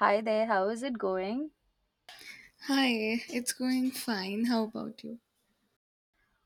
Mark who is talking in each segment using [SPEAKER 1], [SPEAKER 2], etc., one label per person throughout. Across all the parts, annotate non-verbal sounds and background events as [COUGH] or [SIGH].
[SPEAKER 1] Hi there, how is it going?
[SPEAKER 2] Hi, it's going fine. How about you?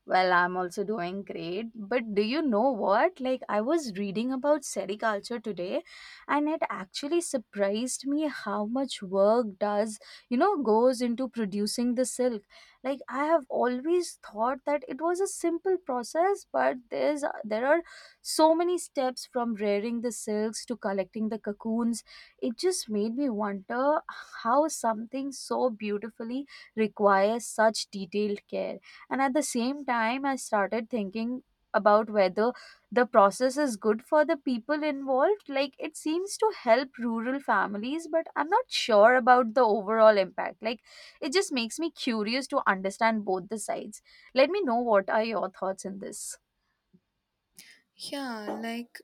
[SPEAKER 1] Well, I'm also doing great. But do you know what? Like, I was reading about sericulture today, and it actually surprised me how much work does, goes into producing the silk. Like, I have always thought that it was a simple process, but there are so many steps from rearing the silks to collecting the cocoons. It just made me wonder how something so beautifully requires such detailed care. And at the same time, I started thinking about whether the process is good for the people involved. Like, it seems to help rural families, but I'm not sure about the overall impact. Like, it just makes me curious to understand both the sides. Let me know what are your thoughts in this.
[SPEAKER 2] Yeah, like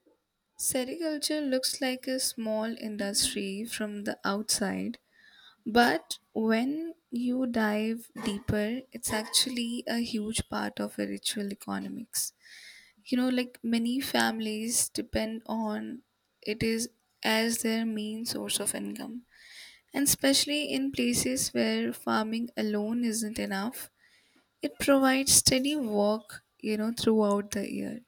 [SPEAKER 2] sericulture looks like a small industry from the outside, but when you dive deeper, it's actually a huge part of a ritual economics. Like many families depend on it is as their main source of income. And especially in places where farming alone isn't enough, it provides steady work, throughout the year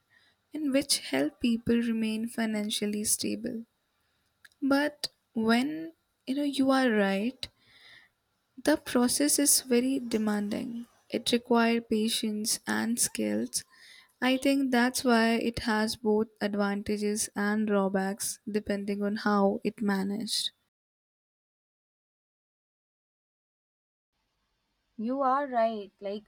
[SPEAKER 2] and which help people remain financially stable. But you are right, the process is very demanding. It requires patience and skills. I think that's why it has both advantages and drawbacks depending on how it managed.
[SPEAKER 1] You are right. Like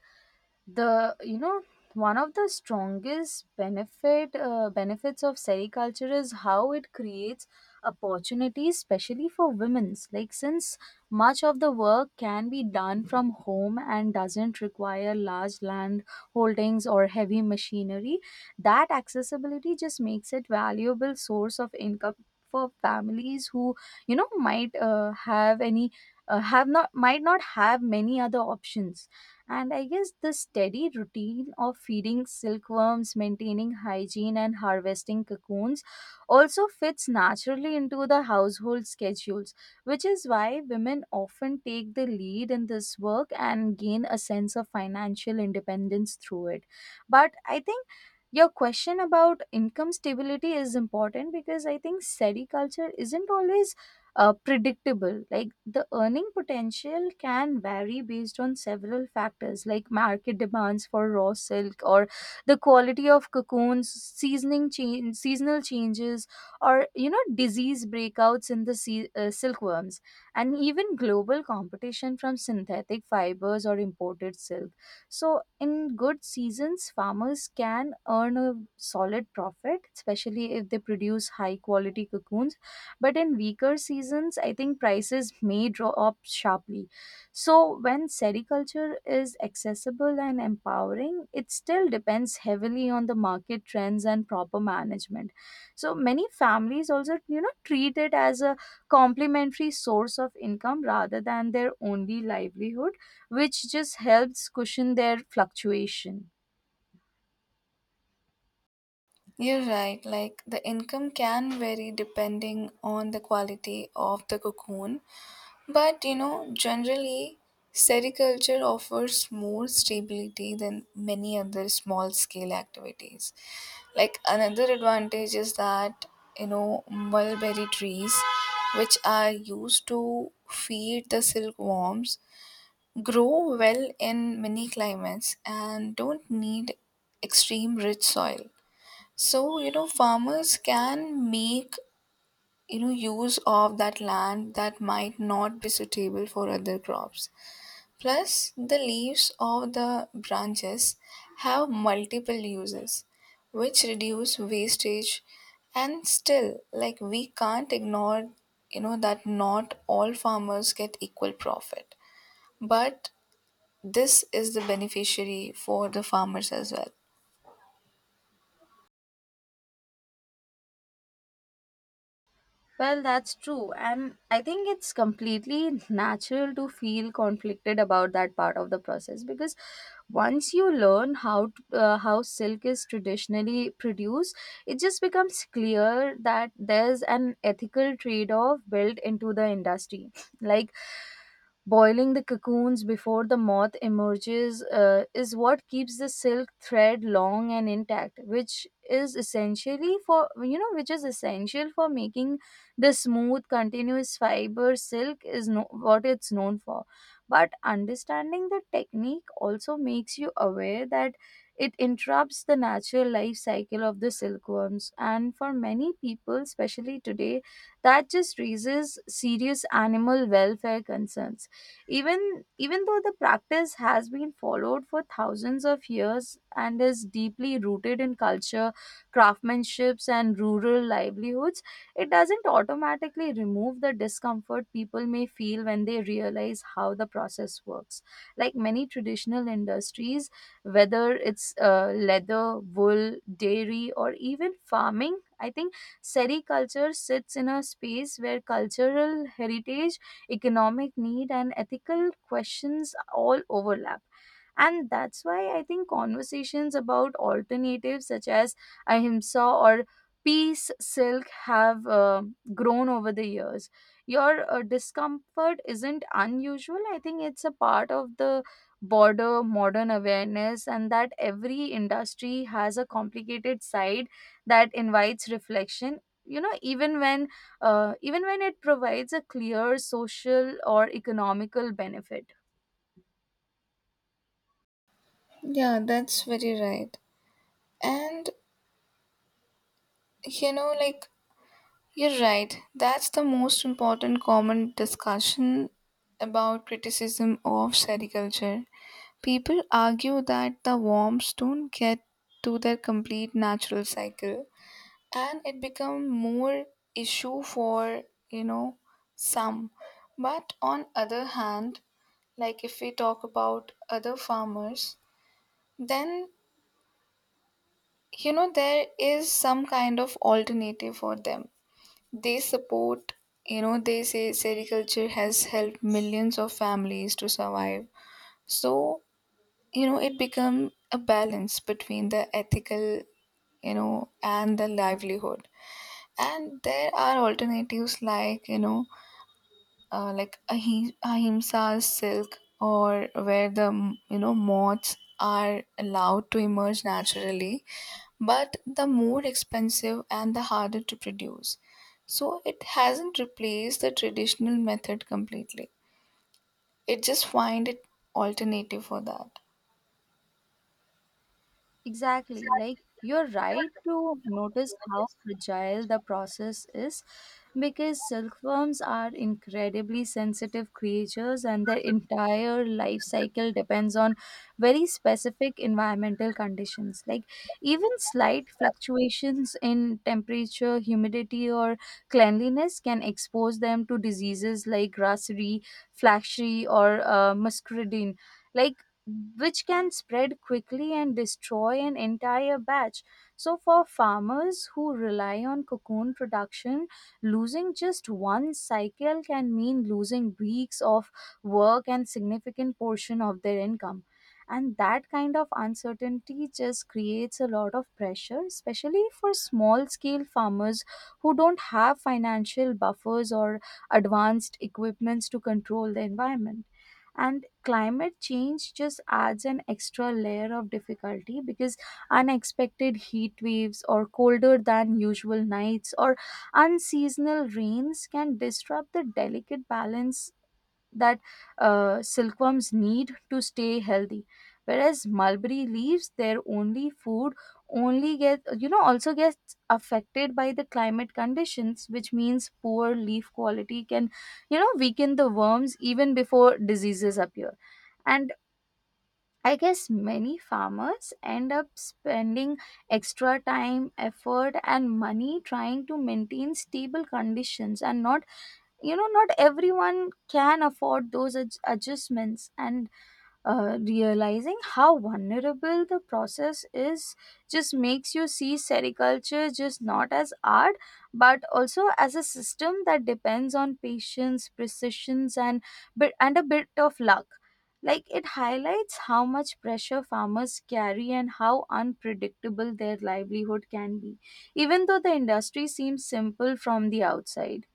[SPEAKER 1] the you know one of the strongest benefits of sericulture is how it creates opportunities especially for women's, like, since much of the work can be done from home and doesn't require large land holdings or heavy machinery. That accessibility just makes it valuable source of income for families who might have any have not might not have many other options. And I guess the steady routine of feeding silkworms, maintaining hygiene, and harvesting cocoons also fits naturally into the household schedules, which is why women often take the lead in this work and gain a sense of financial independence through it. But I think your question about income stability is important, because I think SETI culture isn't always predictable. Like, the earning potential can vary based on several factors, like market demands for raw silk, or the quality of cocoons, seasonal changes, or disease breakouts in the silkworms, and even global competition from synthetic fibers or imported silk. So, in good seasons, farmers can earn a solid profit, especially if they produce high quality cocoons, but in weaker seasons I think prices may drop sharply. So when sericulture is accessible and empowering, it still depends heavily on the market trends and proper management, so many families also, treat it as a complementary source of income rather than their only livelihood, which just helps cushion their fluctuation.
[SPEAKER 2] You're right, like the income can vary depending on the quality of the cocoon. But generally, sericulture offers more stability than many other small scale activities. Like another advantage is that mulberry trees, which are used to feed the silkworms, grow well in many climates and don't need extreme rich soil. So, farmers can make use of that land that might not be suitable for other crops, plus the leaves of the branches have multiple uses which reduce wastage. And still, like, we can't ignore that not all farmers get equal profit, but this is the beneficiary for the farmers as well.
[SPEAKER 1] Well, that's true. And I think it's completely natural to feel conflicted about that part of the process, because once you learn how silk is traditionally produced, it just becomes clear that there's an ethical trade-off built into the industry. Like, boiling the cocoons before the moth emerges is what keeps the silk thread long and intact, which is essentially for you know which is essential for making the smooth, continuous fiber silk is no- what it's known for. But understanding the technique also makes you aware that it interrupts the natural life cycle of the silkworms. And for many people, especially today, that just raises serious animal welfare concerns. Even though the practice has been followed for thousands of years and is deeply rooted in culture, craftsmanships, and rural livelihoods, it doesn't automatically remove the discomfort people may feel when they realize how the process works. Like many traditional industries, whether it's leather, wool, dairy, or even farming, I think sericulture sits in a space where cultural heritage, economic need, and ethical questions all overlap. And that's why I think conversations about alternatives such as ahimsa or peace silk have grown over the years. Your discomfort isn't unusual. I think it's a part of the border modern awareness, and that every industry has a complicated side that invites reflection, you know, even when it provides a clear social or economical benefit.
[SPEAKER 2] Yeah, that's very right. And like, you're right. That's the most important common discussion about criticism of sericulture. People argue that the worms don't get to their complete natural cycle, and it become more issue for, you know, some. But on other hand, like if we talk about other farmers, then there is some kind of alternative for them. They support, they say sericulture has helped millions of families to survive. So, it become a balance between the ethical and the livelihood. And there are alternatives like like ahimsa's silk, or where the moths are allowed to emerge naturally, but the more expensive and the harder to produce, so it hasn't replaced the traditional method completely. It just find it alternative for that.
[SPEAKER 1] Exactly. Like, you're right to notice how fragile the process is, because silkworms are incredibly sensitive creatures and their entire life cycle depends on very specific environmental conditions. Like, even slight fluctuations in temperature, humidity, or cleanliness can expose them to diseases like grassery, flaxery, or muscardine. Like, which can spread quickly and destroy an entire batch. So, for farmers who rely on cocoon production, losing just one cycle can mean losing weeks of work and significant portion of their income. And that kind of uncertainty just creates a lot of pressure, especially for small scale farmers who don't have financial buffers or advanced equipments to control the environment. And climate change just adds an extra layer of difficulty because unexpected heat waves or colder than usual nights or unseasonal rains can disrupt the delicate balance that silkworms need to stay healthy, whereas mulberry leaves, their only food, only get you know also gets affected by the climate conditions, which means poor leaf quality can, weaken the worms even before diseases appear. And I guess many farmers end up spending extra time, effort, and money trying to maintain stable conditions. And not, not everyone can afford those adjustments. And realizing how vulnerable the process is just makes you see sericulture just not as art but also as a system that depends on patience precision, and bit and a bit of luck. Like, it highlights how much pressure farmers carry and how unpredictable their livelihood can be, even though the industry seems simple from the outside.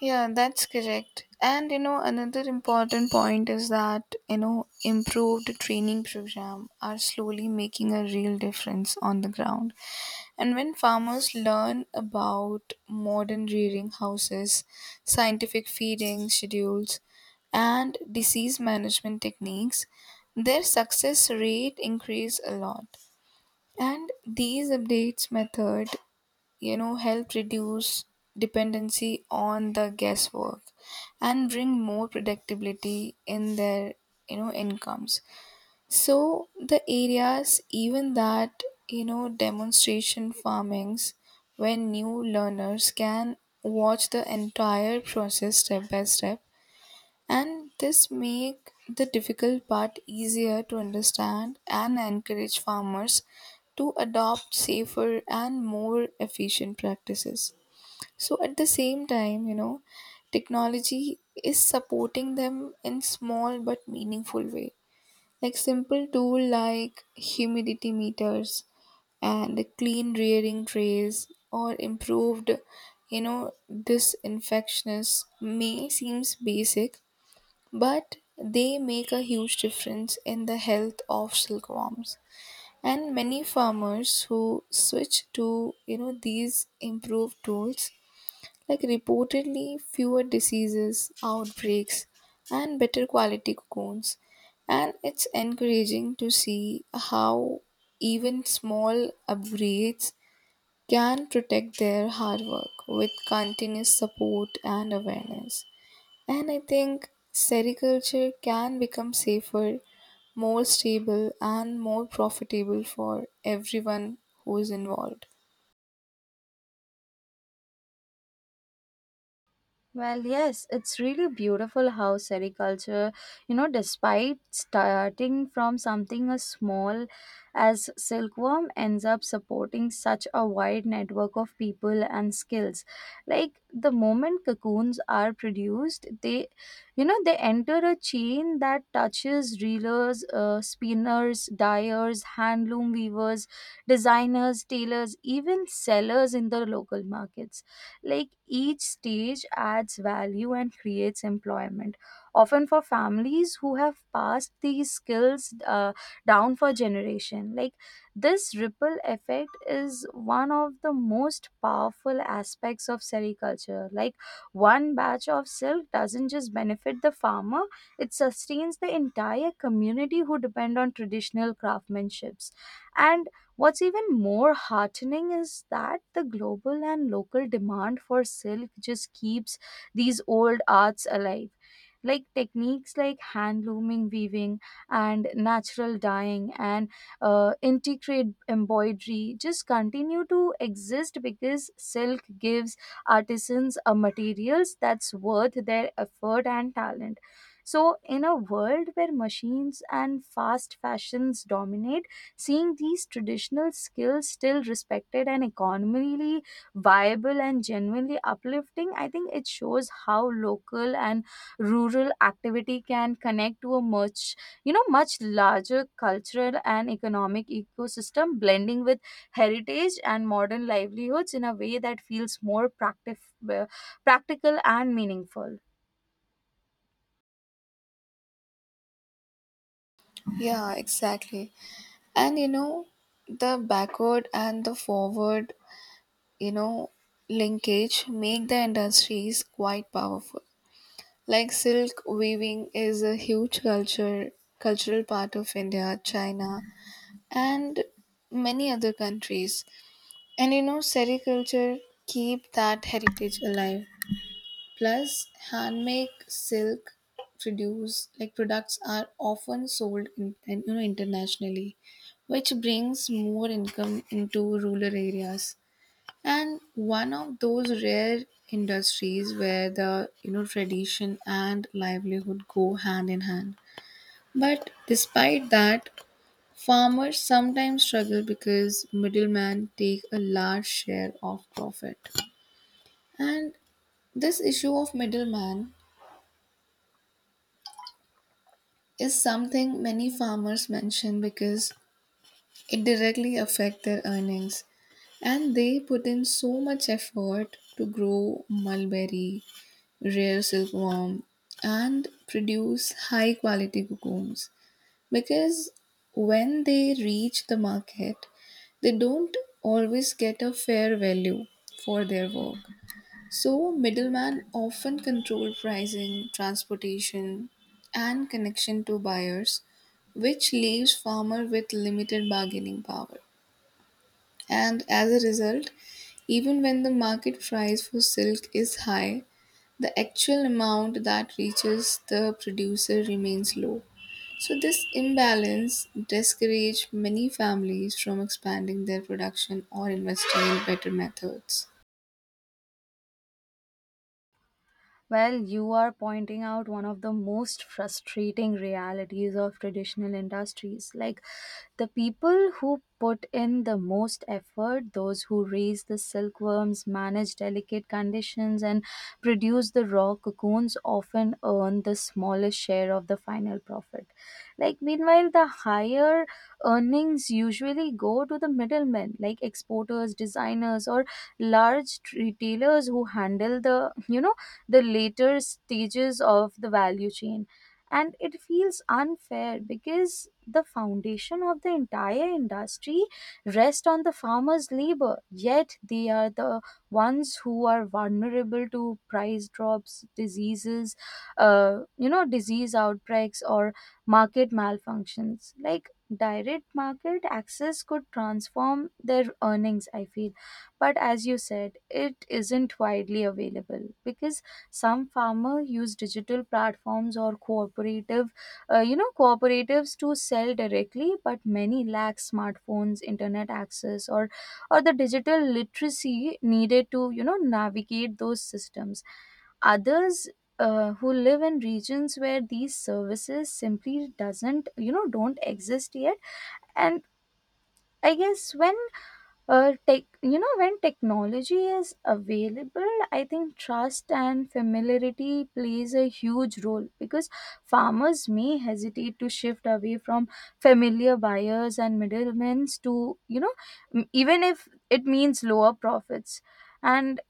[SPEAKER 2] Yeah, that's correct. And another important point is that improved training program are slowly making a real difference on the ground. And when farmers learn about modern rearing houses, scientific feeding schedules, and disease management techniques, their success rate increase a lot. And these updates method, help reduce dependency on the guesswork and bring more predictability in their, incomes. So the areas even that, demonstration farmings where new learners can watch the entire process step by step, and this make the difficult part easier to understand and encourage farmers to adopt safer and more efficient practices. So at the same time, technology is supporting them in small but meaningful way, like simple tool like humidity meters and clean rearing trays, or improved you know disinfectionists may seems basic, but they make a huge difference in the health of silkworms. And many farmers who switch to these improved tools like reportedly fewer diseases outbreaks and better quality cocoons. And it's encouraging to see how even small upgrades can protect their hard work with continuous support and awareness. And I think sericulture can become safer, more stable, and more profitable for everyone who is involved.
[SPEAKER 1] Well, yes, it's really beautiful how sericulture, you know, despite starting from something as small as silkworm, ends up supporting such a wide network of people and skills. Like, the moment cocoons are produced, they enter a chain that touches reelers, spinners, dyers, handloom weavers, designers, tailors, even sellers in the local markets. Like, each stage adds value and creates employment, often for families who have passed these skills down for generation. Like, this ripple effect is one of the most powerful aspects of sericulture. Like, one batch of silk doesn't just benefit the farmer, it sustains the entire community who depend on traditional craftsmanships. And what's even more heartening is that the global and local demand for silk just keeps these old arts alive. Like, techniques like hand looming weaving and natural dyeing and intricate embroidery just continue to exist because silk gives artisans a materials that's worth their effort and talent. So, in a world where machines and fast fashions dominate, seeing these traditional skills still respected and economically viable and genuinely uplifting, I think it shows how local and rural activity can connect to a much, much larger cultural and economic ecosystem, blending with heritage and modern livelihoods in a way that feels more practical and meaningful.
[SPEAKER 2] Yeah, exactly. And the backward and the forward, you know, linkage make the industries quite powerful. Like silk weaving is a huge culture cultural part of India, China, and many other countries. And sericulture keep that heritage alive. Plus, handmade silk produce like products are often sold in, and, internationally, which brings more income into rural areas. And one of those rare industries where the tradition and livelihood go hand in hand. But despite that, farmers sometimes struggle because middlemen take a large share of profit. And this issue of middleman is something many farmers mention because it directly affects their earnings. And they put in so much effort to grow mulberry, rare silkworm, and produce high quality cocoons. Because when they reach the market, they don't always get a fair value for their work. So, middlemen often control pricing, transportation, and connection to buyers, which leaves farmer with limited bargaining power. And as a result, even when the market price for silk is high, the actual amount that reaches the producer remains low. So this imbalance discourages many families from expanding their production or investing in better methods.
[SPEAKER 1] Well, you are pointing out one of the most frustrating realities of traditional industries. Like, the people who put in the most effort, those who raise the silkworms, manage delicate conditions, and produce the raw cocoons, often earn the smallest share of the final profit. Like, meanwhile, the higher earnings usually go to the middlemen, like exporters, designers, or large retailers who handle the, the later stages of the value chain. And it feels unfair because the foundation of the entire industry rests on the farmers' labor, yet they are the ones who are vulnerable to price drops, diseases, disease outbreaks, or market malfunctions. Like, direct market access could transform their earnings, I feel. But as you said, it isn't widely available because some farmers use digital platforms or cooperative cooperatives to sell directly, but many lack smartphones internet access or the digital literacy needed to, navigate those systems. Others who live in regions where these services simply doesn't you know don't exist yet. And I guess when when technology is available, I think trust and familiarity plays a huge role because farmers may hesitate to shift away from familiar buyers and middlemen to, even if it means lower profits. And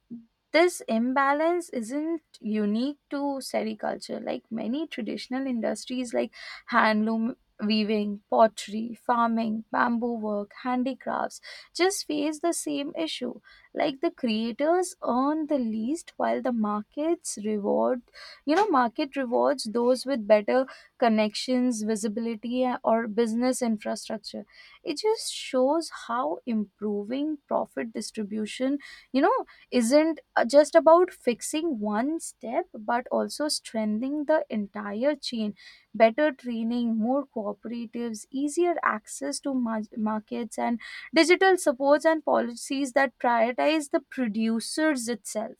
[SPEAKER 1] this imbalance isn't unique to sericulture. Like many traditional industries, like handloom weaving, pottery, farming, bamboo work, handicrafts just face the same issue. Like, the creators earn the least while the market rewards those with better connections, visibility, or business infrastructure. It just shows how improving profit distribution, isn't just about fixing one step but also strengthening the entire chain, better training, more cooperatives, easier access to markets and digital supports and policies that prioritize the producers itself.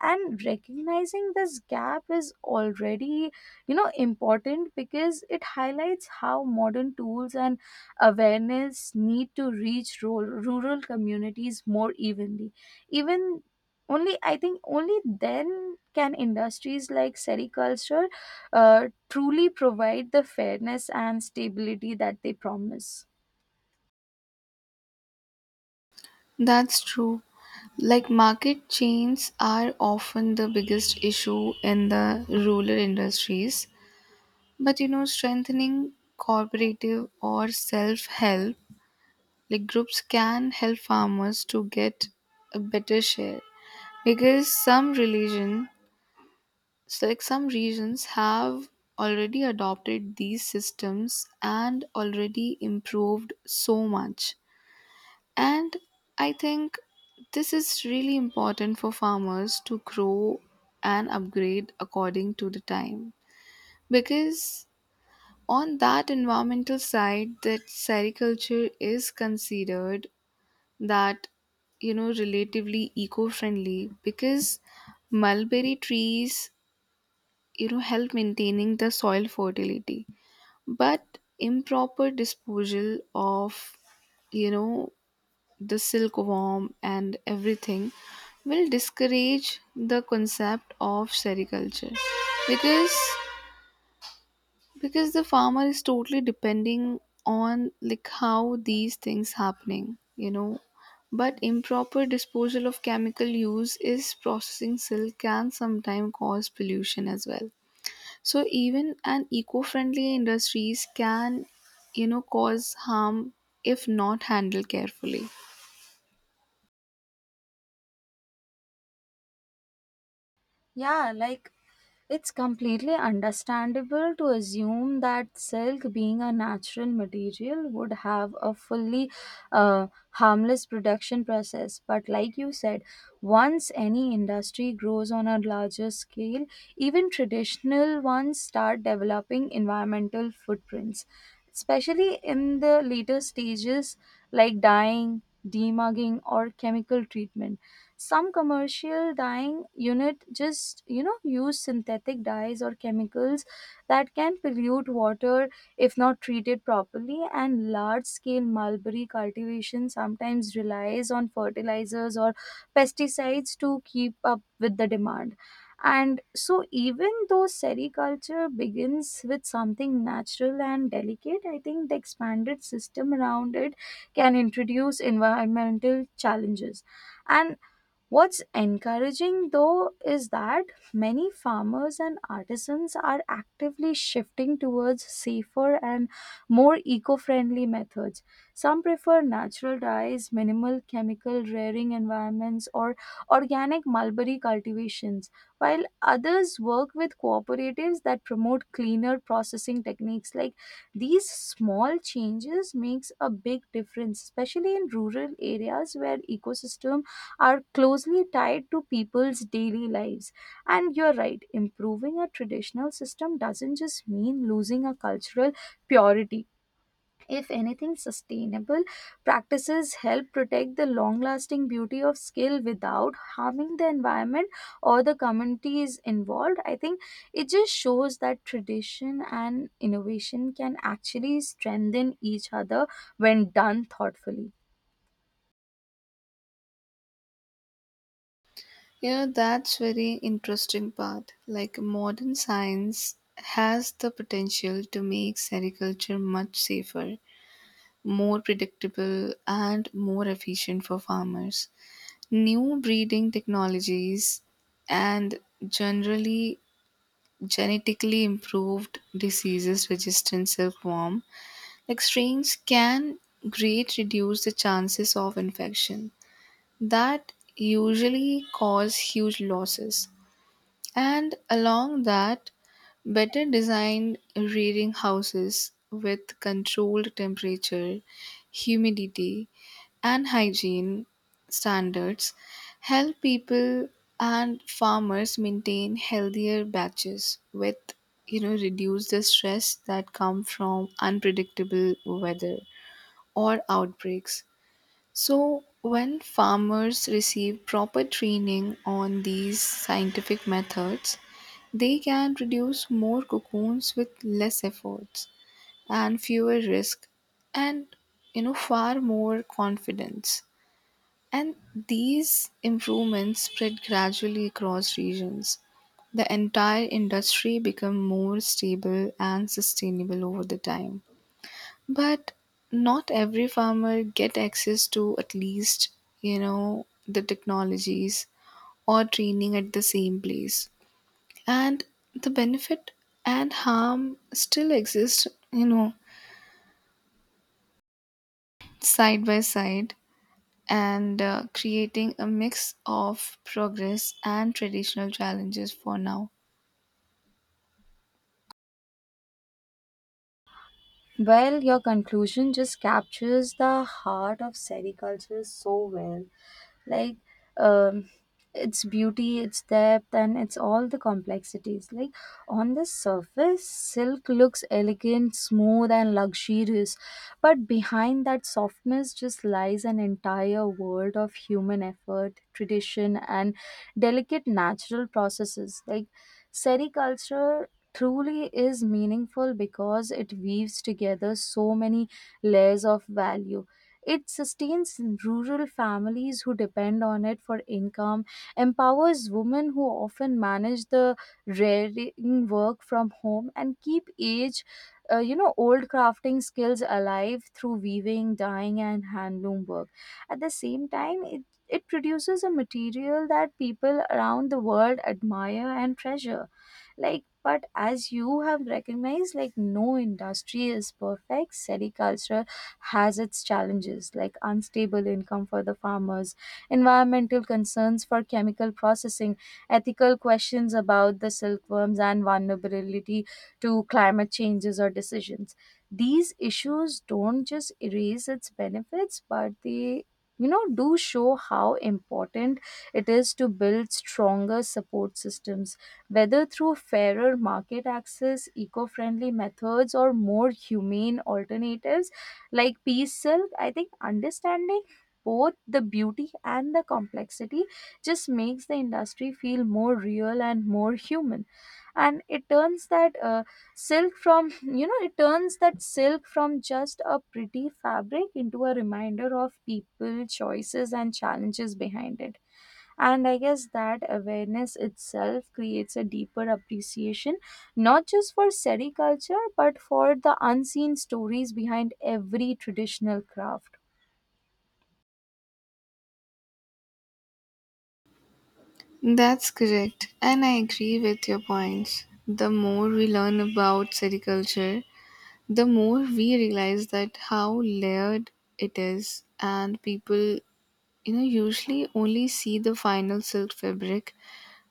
[SPEAKER 1] And recognizing this gap is already, important, because it highlights how modern tools and awareness need to reach rural communities more evenly. Even only I think only then can industries like sericulture uh, truly provide the fairness and stability that they promise.
[SPEAKER 2] That's true. Like market chains are often the biggest issue in the rural industries. But strengthening cooperative or self help, like groups can help farmers to get a better share. Because some religion So, like some regions have already adopted these systems and already improved so much. And I think this is really important for farmers to grow and upgrade according to the time. Because on that environmental side, that sericulture is considered that relatively eco-friendly because mulberry trees help maintaining the soil fertility, but improper disposal of you know the silkworm and everything will discourage the concept of sericulture, because the farmer is totally depending on like how these things happening but improper disposal of chemical use is processing silk can sometimes cause pollution as well. So even an eco-friendly industries can, cause harm if not handled carefully.
[SPEAKER 1] Yeah, like, it's completely understandable to assume that silk, being a natural material, would have a fully harmless production process. But, like you said, once any industry grows on a larger scale, even traditional ones start developing environmental footprints, especially in the later stages like dyeing, demagging, or chemical treatment. Some commercial dyeing unit just use synthetic dyes or chemicals that can pollute water if not treated properly, and large scale mulberry cultivation sometimes relies on fertilizers or pesticides to keep up with the demand. And so, even though sericulture begins with something natural and delicate, I think the expanded system around it can introduce environmental challenges. And what's encouraging though is that many farmers and artisans are actively shifting towards safer and more eco friendly methods. Some prefer natural dyes, minimal chemical rearing environments, or organic mulberry cultivations, while others work with cooperatives that promote cleaner processing techniques. Like, these small changes makes a big difference, especially in rural areas where ecosystem are closely tied to people's daily lives. And you're right, improving a traditional system doesn't just mean losing a cultural purity. If anything, sustainable practices help protect the long lasting beauty of skill without harming the environment or the communities involved. I think it just shows that tradition and innovation can actually strengthen each other when done thoughtfully.
[SPEAKER 2] That's very interesting part. Like modern science has the potential to make sericulture much safer, more predictable and more efficient for farmers. New breeding technologies and generally genetically improved diseases resistant silkworm like strains can greatly reduce the chances of infection that usually cause huge losses. And along that, better designed rearing houses with controlled temperature, humidity, and hygiene standards help people and farmers maintain healthier batches with reduce the stress that come from unpredictable weather or outbreaks. So, when farmers receive proper training on these scientific methods, they can produce more cocoons with less efforts and fewer risk, and far more confidence. And these improvements spread gradually across regions, the entire industry become more stable and sustainable over the time. But not every farmer get access to at least, the technologies or training at the same place. And the benefit and harm still exist, side by side, and creating a mix of progress and traditional challenges for now.
[SPEAKER 1] Well, your conclusion just captures the heart of sericulture so well. Like, um, its beauty, its depth, and it's all the complexities. Like, on the surface silk looks elegant, smooth, and luxurious, but behind that softness just lies an entire world of human effort, tradition, and delicate natural processes. Like, sericulture truly is meaningful because it weaves together so many layers of value. It sustains rural families who depend on it for income, empowers women who often manage the rearing work from home, and keep age, old crafting skills alive through weaving, dyeing, and handloom work. At the same time, it produces a material that people around the world admire and treasure. Like, but as you have recognized, like, no industry is perfect. Sericulture has its challenges, like unstable income for the farmers, environmental concerns for chemical processing, ethical questions about the silkworms, and vulnerability to climate changes or decisions. These issues don't just erase its benefits, but they do show how important it is to build stronger support systems, whether through fairer market access, eco-friendly methods, or more humane alternatives like peace silk. I think understanding both the beauty and the complexity just makes the industry feel more real and more human. And it turns that silk from [LAUGHS] it turns that silk from just a pretty fabric into a reminder of people choices and challenges behind it. And I guess that awareness itself creates a deeper appreciation, not just for sericulture, but for the unseen stories behind every traditional craft.
[SPEAKER 2] That's correct, and I agree with your points. The more we learn about sericulture, the more we realize that how layered it is. And people usually only see the final silk fabric,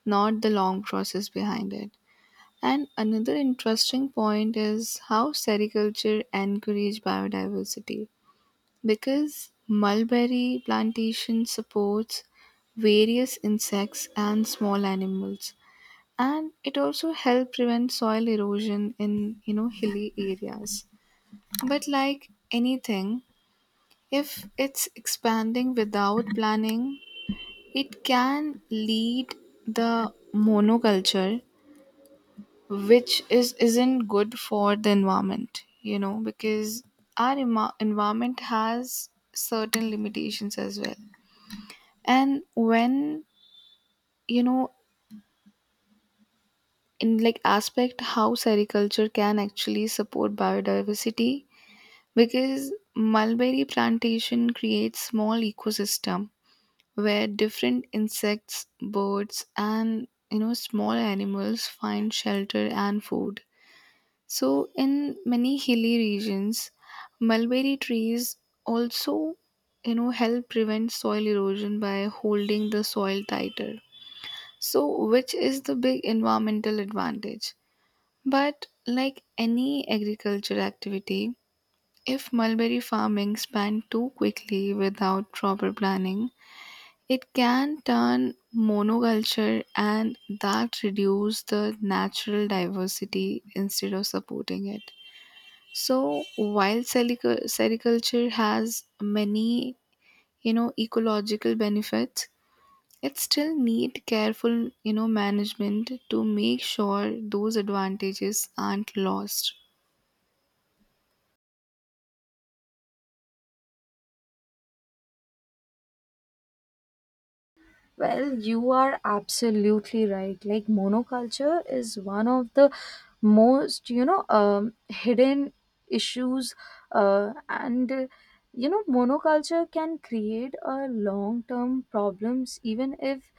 [SPEAKER 2] not the long process behind it. And another interesting point is how sericulture encourage biodiversity, because mulberry plantation supports various insects and small animals, and it also helps prevent soil erosion in hilly areas. But like anything, if it's expanding without planning, it can lead the monoculture, which is isn't good for the environment, because our environment has certain limitations as well. And when, you know, in like aspect how sericulture can actually support biodiversity, because mulberry plantation creates small ecosystem where different insects, birds, and small animals find shelter and food. So in many hilly regions, mulberry trees also help prevent soil erosion by holding the soil tighter. So which is the big environmental advantage? But like any agriculture activity, if mulberry farming spanned too quickly without proper planning, it can turn monoculture, and that reduce the natural diversity instead of supporting it. So while sericulture has many, ecological benefits, it still need careful, management to make sure those advantages aren't lost.
[SPEAKER 1] Well, you are absolutely right. Like, monoculture is one of the most, hidden issues. Uh, and, uh, Monoculture can create a long term problems, even if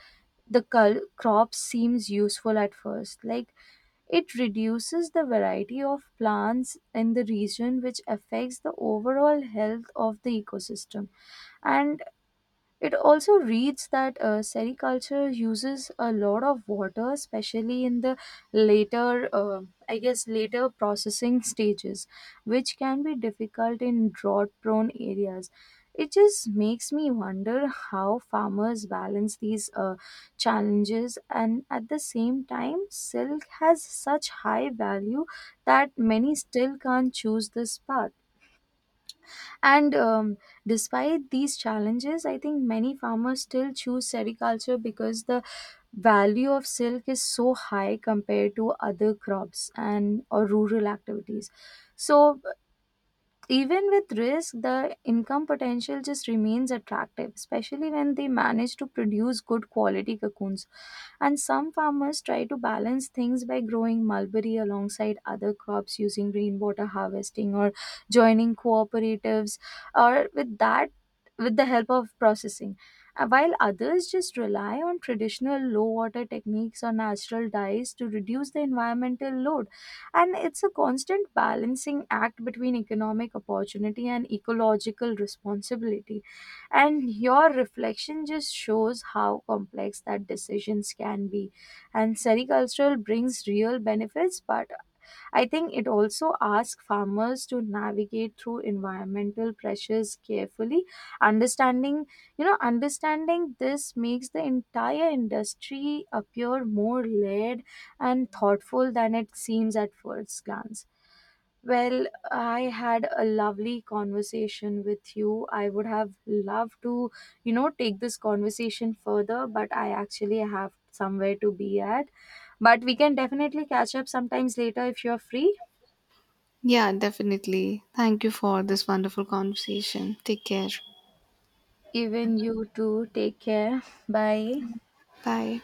[SPEAKER 1] the crop seems useful at first. Like, it reduces the variety of plants in the region, which affects the overall health of the ecosystem. And it also reads that sericulture uses a lot of water, especially in the later, later processing stages, which can be difficult in drought-prone areas. It just makes me wonder how farmers balance these challenges, and at the same time, silk has such high value that many still can't choose this path. And despite these challenges, I think many farmers still choose sericulture because the value of silk is so high compared to other crops and or rural activities. So even with risk, the income potential just remains attractive, especially when they manage to produce good quality cocoons. And some farmers try to balance things by growing mulberry alongside other crops, using rainwater harvesting or joining cooperatives, or with that, with the help of processing. While others just rely on traditional low water techniques or natural dyes to reduce the environmental load. And it's a constant balancing act between economic opportunity and ecological responsibility, and your reflection just shows how complex that decisions can be. And sericultural brings real benefits, but I think it also asks farmers to navigate through environmental pressures carefully. Understanding, understanding this makes the entire industry appear more layered and thoughtful than it seems at first glance. Well, I had a lovely conversation with you. I would have loved to, take this conversation further, but I actually have somewhere to be at. But we can definitely catch up sometimes later if you're free.
[SPEAKER 2] Yeah, definitely. Thank you for this wonderful conversation. Take care.
[SPEAKER 1] Even you too. Take care. Bye.
[SPEAKER 2] Bye.